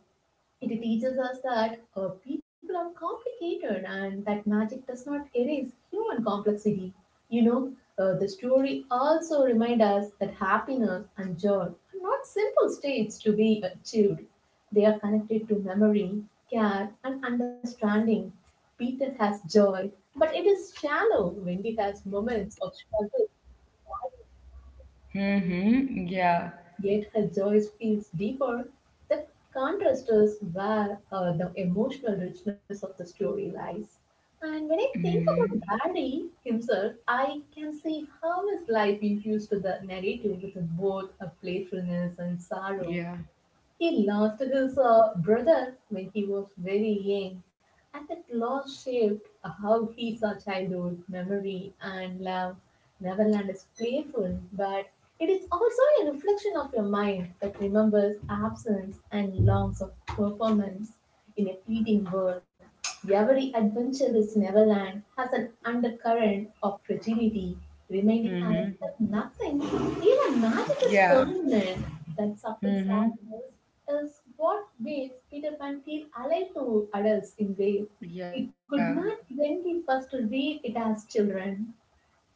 It teaches us that uh, people are complicated and that magic does not erase human complexity. You know, uh, the story also reminds us that happiness and joy are not simple states to be achieved. They are connected to memory, care, and understanding. Peter has joy, but it is shallow when he has moments of struggle.
Mm-hmm. Yeah.
Yet her joy feels deeper. The contrast is where uh, the emotional richness of the story lies. And when I
Mm-hmm.
think about Barry himself, I can see how his life infused the narrative with both a playfulness and sorrow.
Yeah.
He lost his uh, brother when he was very young, and that loss shaped how he saw childhood, memory, and love. Neverland is playful, but it is also a reflection of your mind that remembers absence and longs of performance in a fleeting world. Every adventure is Neverland has an undercurrent of fragility, reminding us
Mm-hmm.
that nothing, even magic, is
Yeah.
permanent. That subtle
Mm-hmm.
sadness is what makes Peter Pan feel alive to adults in ways it
Yeah,
could not when we first read it as children.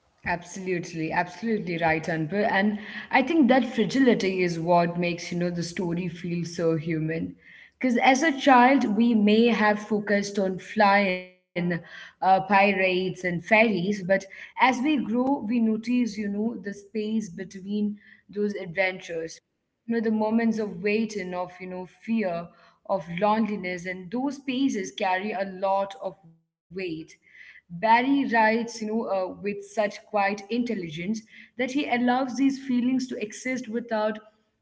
absolutely, absolutely right, Anpur. And I think that fragility is what makes, you know, the story feel so human. Because as a child, we may have focused on flying uh, pirates and fairies, but as we grow, we notice, you know, the space between those adventures. you know the moments of waiting, of you know fear of loneliness, and those spaces carry a lot of weight. Barry writes, you know uh, with such quiet intelligence that he allows these feelings to exist without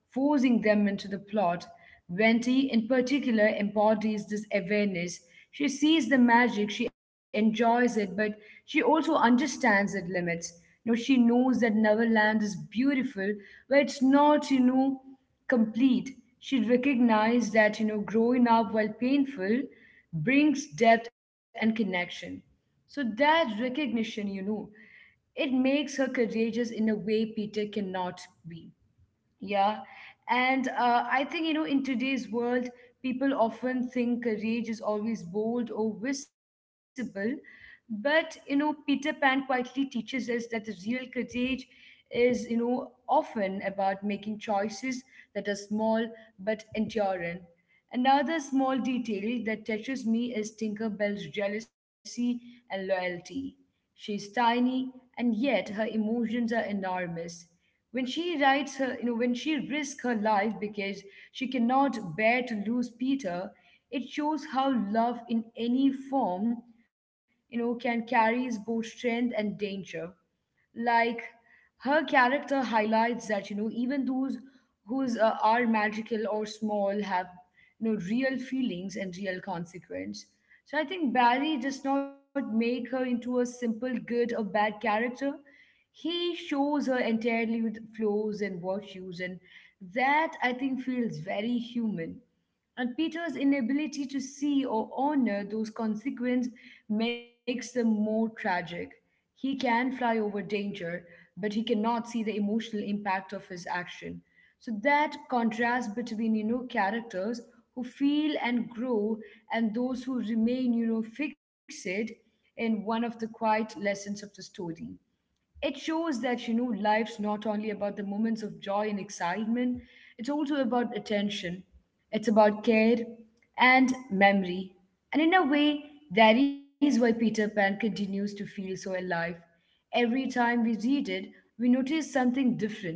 forcing them into the plot. Venti in particular embodies this awareness. She sees the magic, she enjoys it, but she also understands its limits. You know, she knows that Neverland is beautiful, but it's not, you know, complete. She recognized that, you know, growing up, while painful, brings depth and connection. So that recognition, you know, it makes her courageous in a way Peter cannot be. Yeah. And uh, I think, you know, in today's world, people often think courage is always bold or visible. But, you know, Peter Pan quietly teaches us that the real courage is, you know, often about making choices that are small but enduring. Another small detail that touches me is Tinkerbell's jealousy and loyalty. She is tiny, and yet her emotions are enormous. When she writes her, you know, when she risks her life because she cannot bear to lose Peter, it shows how love in any form, you know, can carry both strength and danger. Like her character highlights that you know even those whose uh, are magical or small have you know real feelings and real consequence. So I think Barry does not make her into a simple good or bad character. He shows her entirely with flaws and virtues, and that, I think, feels very human. And Peter's inability to see or honor those consequences makes them more tragic. He can fly over danger, but he cannot see the emotional impact of his action. So that contrast between, you know, characters who feel and grow and those who remain, you know, fixated, in one of the quiet lessons of the story. It shows that you know life's not only about the moments of joy and excitement. It's also about attention. It's about care and memory. And in a way, that is why Peter Pan continues to feel so alive. Every time we read it, we notice something different,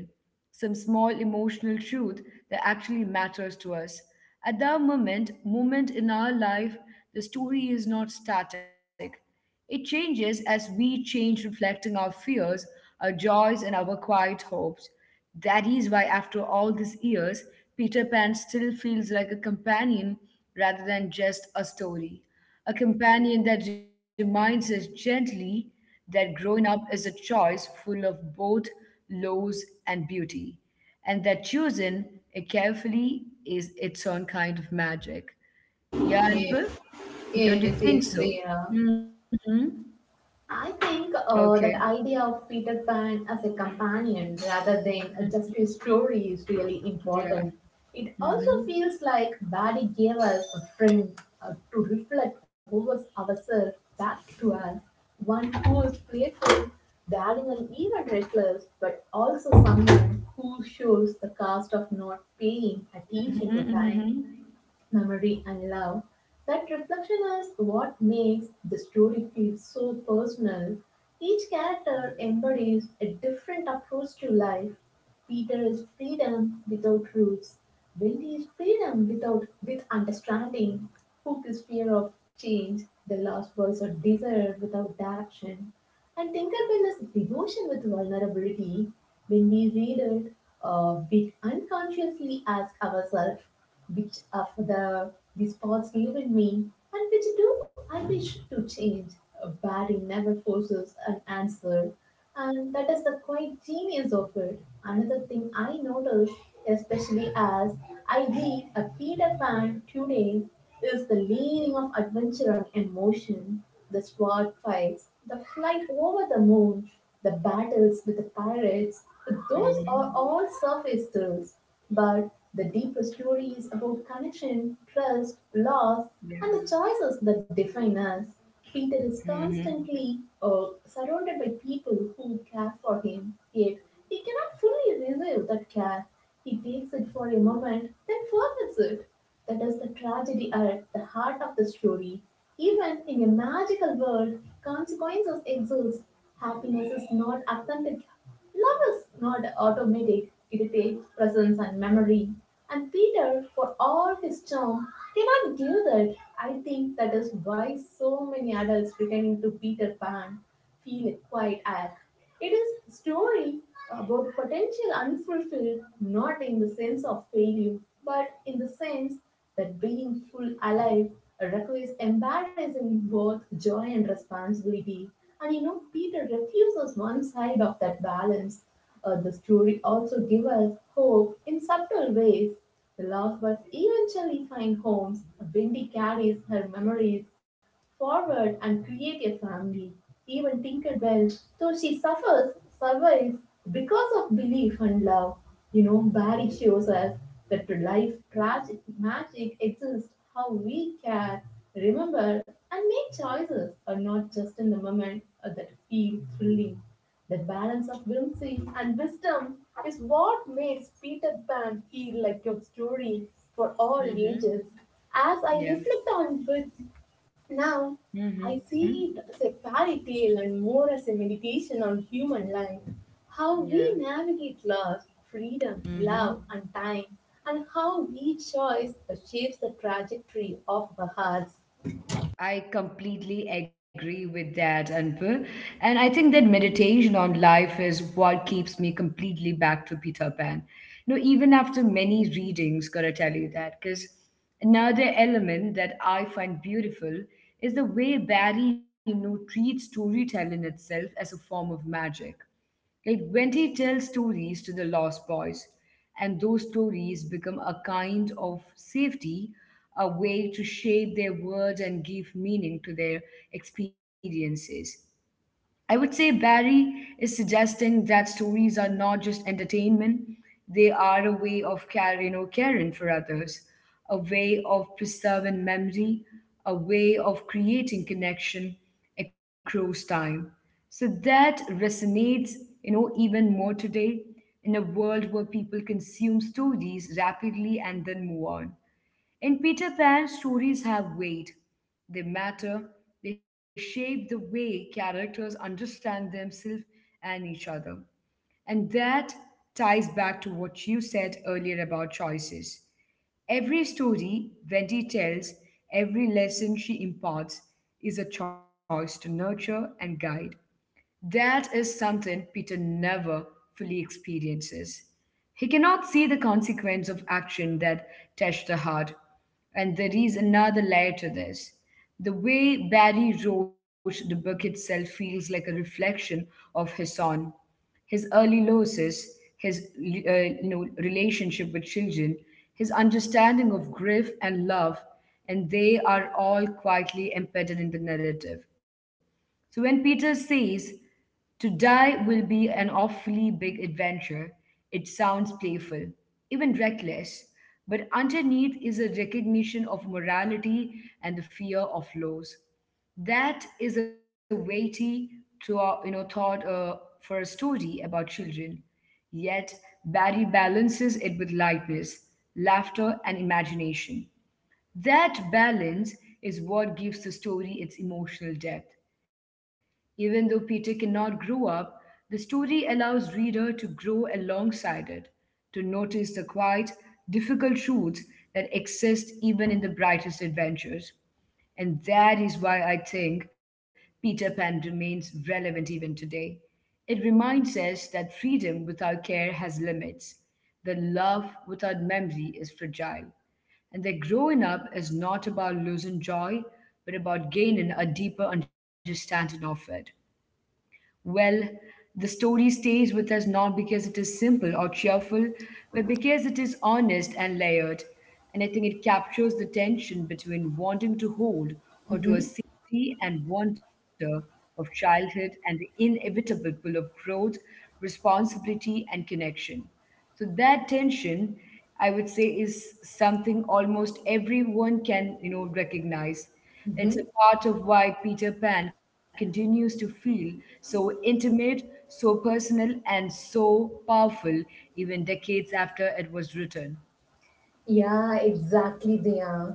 some small emotional truth that actually matters to us at that moment moment in our life. The story is not static. It changes as we change, reflecting our fears, our joys, and our quiet hopes. That is why, after all these years, Peter Pan still feels like a companion rather than just a story. A companion that reminds us gently that growing up is a choice full of both lows and beauty, and that choosing it carefully is its own kind of magic. Yeah,
Yes,
Anpal? Don't
yes,
you
yes,
think
they
so?
are.
Hmm.
I think
Okay.
uh, that idea of Peter Pan as a companion rather than uh,
Mm.
just a story is really
Yeah.
important. It also
Mm-hmm.
feels like Barry gave us a friend uh, to reflect over ourselves back to us. One who is playful, daring, and even reckless, but also someone who shows the cost of not paying attention to
Mm-hmm.
time
Mm-hmm.
memory, and love. That reflection is what makes the story feel so personal. Each character embodies a different approach to life. Peter is freedom without roots. Billy is freedom without with understanding. Hook is fear of change. The last was a desire without direction. And Tinkerbell is devotion with vulnerability. When we read it, uh, we unconsciously ask ourselves, which are the, the spots live in me and which do I wish to change. Uh, Barry never forces an answer, and that is the quite genius of it. Another thing I noticed, especially as I read a Peter Pan today, is the layering of adventure and emotion, the sword fights, the flight over the moon, the battles with the pirates. Those are
Mm-hmm.
all surface thrills, but the deeper story is about connection, trust, loss,
Yeah.
and the choices that define us. Peter is
Mm-hmm.
constantly uh, surrounded by people who care for him, yet he cannot fully receive that care. He takes it for a moment, then forgets it. That is the tragedy at the heart of the story. Even in a magical world, consequences exist. Happiness is not authentic. Love is not automatic. It takes presence and memory. And Peter, for all his charm, cannot do that. I think that is why so many adults pretending to Peter Pan feel quite it is a story about potential unfulfilled, not in the sense of failure, but in the sense that being full alive requires embarrassing both joy and responsibility. And you know, Peter refuses one side of that balance. Uh, the story also gives us hope in subtle ways. The lost bus eventually find homes. Wendy carries her memories forward and create a family. Even Tinkerbell so she suffers, survives because of belief and love. You know, Barry shows us that life tragic magic exists how we care, remember, and make choices are not just in the moment uh, that feel thrilling. The balance of whimsy and wisdom is what makes Peter Pan feel like a story for all
Mm-hmm.
ages. As I
Yeah.
reflect on it now, I
Mm-hmm.
see it as a fairy tale and more as a meditation on human life, how we
Yeah.
navigate loss, freedom,
Mm-hmm.
love, and time, and how each choice shapes the trajectory of our hearts.
I completely agree with that, Anpur. And I think that meditation on life is what keeps me completely back to Peter Pan. You know, even after many readings, gotta tell you that, because another element that I find beautiful is the way Barry, you know, treats storytelling itself as a form of magic. Like when they tell stories to the lost boys, and those stories become a kind of safety, a way to shape their words and give meaning to their experiences. I would say Barry is suggesting that stories are not just entertainment, they are a way of caring or caring for others, a way of preserving memory, a way of creating connection across time. So that resonates, you know, even more today in a world where people consume stories rapidly and then move on. In Peter Pan, stories have weight. They matter. They shape the way characters understand themselves and each other. And that ties back to what you said earlier about choices. Every story Wendy tells, every lesson she imparts is a choice to nurture and guide. That is something Peter never fully experiences. He cannot see the consequence of action that touch the heart. And there is another layer to this. The way Barry wrote the book itself feels like a reflection of his own, his early losses, his uh, you know, relationship with children, his understanding of grief and love, and they are all quietly embedded in the narrative. So when Peter says, to die will be an awfully big adventure. It sounds playful, even reckless, but underneath is a recognition of morality and the fear of loss. That is a weighty thought, you know, thought uh, for a story about children. Yet Barry balances it with lightness, laughter, and imagination. That balance is what gives the story its emotional depth. Even though Peter cannot grow up, the story allows reader to grow alongside it, to notice the quiet, difficult truths that exist even in the brightest adventures. And that is why I think Peter Pan remains relevant even today. It reminds us that freedom without care has limits, that love without memory is fragile, and that growing up is not about losing joy, but about gaining a deeper understanding of it. Well, the story stays with us not because it is simple or cheerful, but because it is honest and layered. And I think it captures the tension between wanting to hold onto a safety and wonder of childhood and the inevitable pull of growth, responsibility, and connection. So that tension, I would say, is something almost everyone can, you know, recognize. It's a
Mm-hmm.
part of why Peter Pan continues to feel so intimate, so personal, and so powerful even decades after it was written.
Yeah, exactly they are.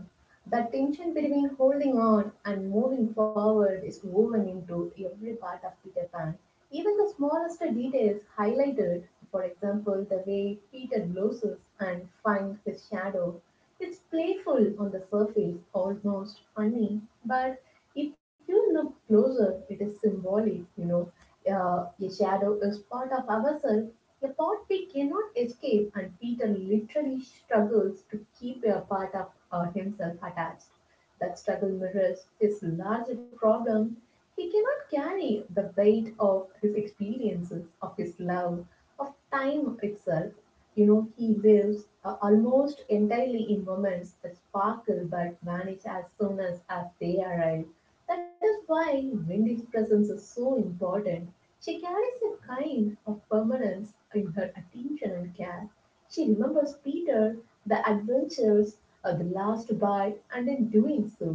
That tension between holding on and moving forward is woven into every part of Peter Pan. Even the smallest details highlighted, for example, the way Peter loses and finds his shadow. It's playful on the surface, almost funny, but if you look closer, it is symbolic, you know. Uh, a shadow is part of ourselves a pot we cannot escape and Peter literally struggles to keep a part of uh, himself attached. That struggle mirrors his larger problem. He cannot carry the weight of his experiences, of his love, of time itself. You know, he lives uh, almost entirely in moments that sparkle but vanish as soon as, as they arrive. That is why Wendy's presence is so important she carries a kind of permanence in her attention and care. She remembers Peter, the adventures, uh, the last bite, and in doing so,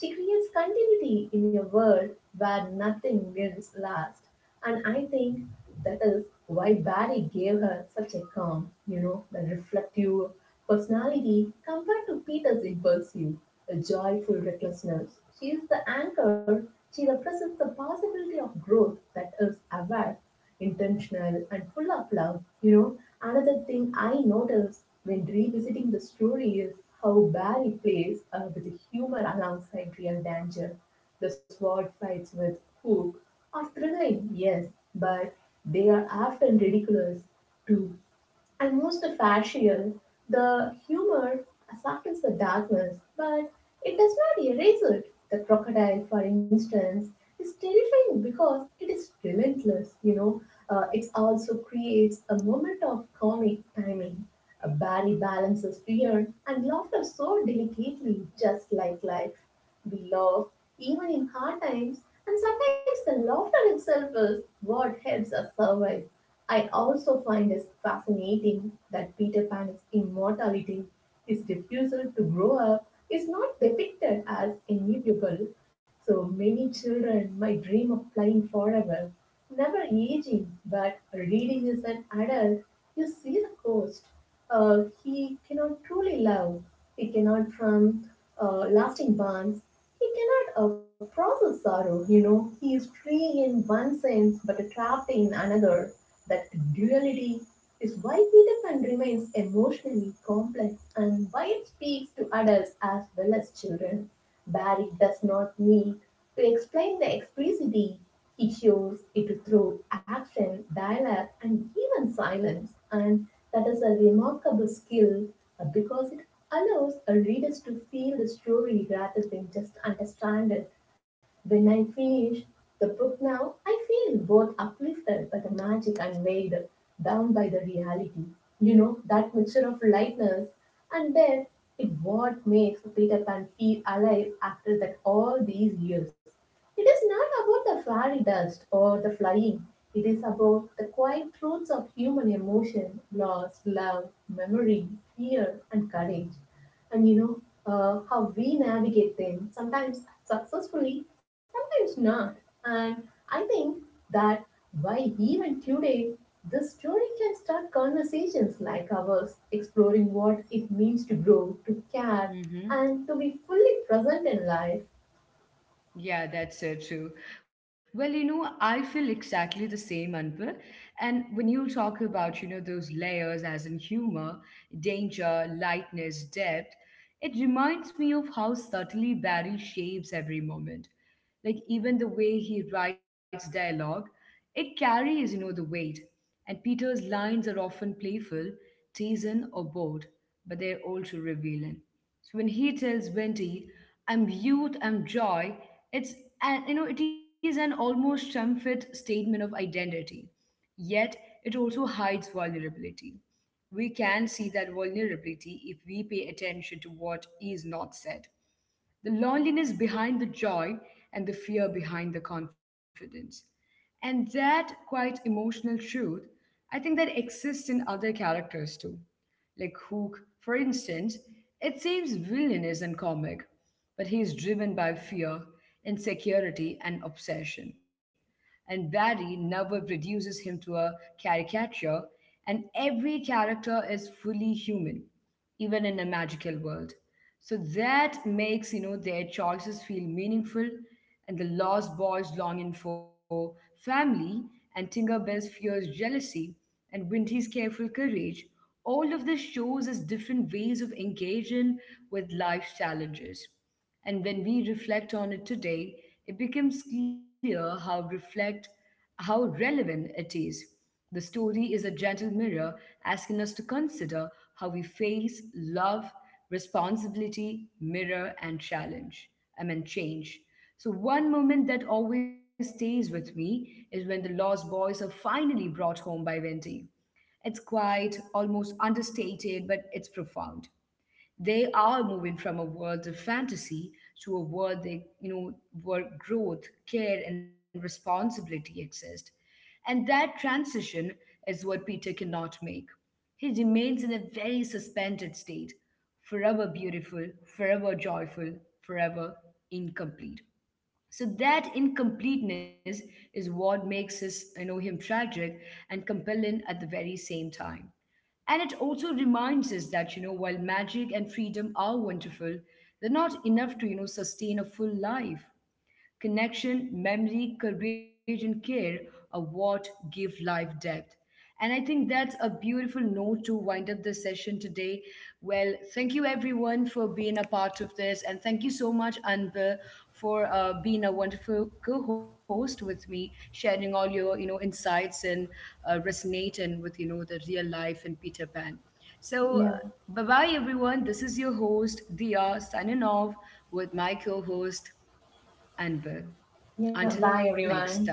she creates continuity in a world where nothing else lasts. And I think that is why Barry gave her such a calm, you know, the reflective personality compared to Peter's impulsive, a joyful recklessness. She is the anchor she represents the possibility of growth that is aware, intentional, and full of love. You know, another thing I noticed when revisiting the story is how Barry plays uh, with humor alongside real danger. The sword fights with Hook are thrilling, yes, but they are often ridiculous too and most facial. The humor softens the darkness, but it does not erase it. The crocodile, for instance, is terrifying because it is relentless, you know. Uh, it also creates a moment of comic timing. A Barry balances fear and laughter so delicately, just like life. We laugh even in hard times, and sometimes the laughter itself is what helps us survive. I also find it fascinating that Peter Pan's immortality, his refusal to grow up, is not depicted as inevitable. So many children might dream of flying forever, never aging, but reading is an adult. You see the cost. Uh, he cannot truly love. He cannot form uh, lasting bonds. He cannot uh, process sorrow. You know, he is free in one sense but trapped in another. That duality is why Peter Pan remains emotionally complex and why it speaks to adults as well as children. Barry does not need to explain the explicitity, he shows it through action, dialogue, and even silence. And that is a remarkable skill uh, because it allows a readers to feel the story rather than just understand it. When I finish the book now, I feel both uplifted by the magic and weighed down by the reality. You know, that mixture of lightness and depth is what makes Peter Pan feel alive after that all these years. It is not about the fairy dust or the flying. It is about the quiet truths of human emotion, loss, love, memory, fear, and courage. And you know uh, how we navigate them, sometimes successfully, sometimes not. And I think that why even today this story can start conversations like ours, exploring what it means to grow, to care, and
Hmm.
to be fully present in life.
Yeah, that's so true. Well, you know, I feel exactly the same, Anpal. And when you talk about, you know, those layers as in humor, danger, lightness, depth, it reminds me of how subtly Barry shapes every moment. Like even the way he writes dialogue, it carries, you know, the weight. And Peter's lines are often playful, teasing, or bold, but they're also revealing. So when he tells Wendy, "I'm youth, I'm joy," it's an you know it is an almost triumphant statement of identity. Yet it also hides vulnerability. We can see that vulnerability if we pay attention to what is not said, the loneliness behind the joy and the fear behind the confidence. And that quite emotional truth, I think that exists in other characters too. Like Hook, for instance, it seems villainous and comic, but he is driven by fear, insecurity, and obsession. And Barry never reduces him to a caricature, and every character is fully human even in a magical world. So that makes you know their choices feel meaningful, and the lost boy's longing for family, and Tinkerbell's fierce jealousy, and Winty's careful courage. All of this shows us different ways of engaging with life's challenges. And when we reflect on it today, it becomes clear how reflect how relevant it is. The story is a gentle mirror asking us to consider how we face love, responsibility, mirror, and challenge. I mean change. So one moment that always stays with me is when the lost boys are finally brought home by Wendy. It's quiet, almost understated, but it's profound. They are moving from a world of fantasy to a world they, you know, where growth, care, and responsibility exist. And that transition is what Peter cannot make. He remains in a very suspended state, forever beautiful, forever joyful, forever incomplete. So that incompleteness is what makes his, you know, him tragic and compelling at the very same time. And it also reminds us that, you know, while magic and freedom are wonderful, they're not enough to, you know, sustain a full life. Connection, memory, courage, and care are what give life depth. And I think that's a beautiful note to wind up the session today. Well, thank you everyone for being a part of this. And thank you so much, Anbu, for uh, being a wonderful co-host with me, sharing all your, you know, insights and uh, resonating with, you know, the real life and Peter Pan. So uh,
Yeah.
bye-bye everyone. This is your host, Dia, signing off with my co-host, and well.
Yeah.
Until
Bye
next time.
everyone.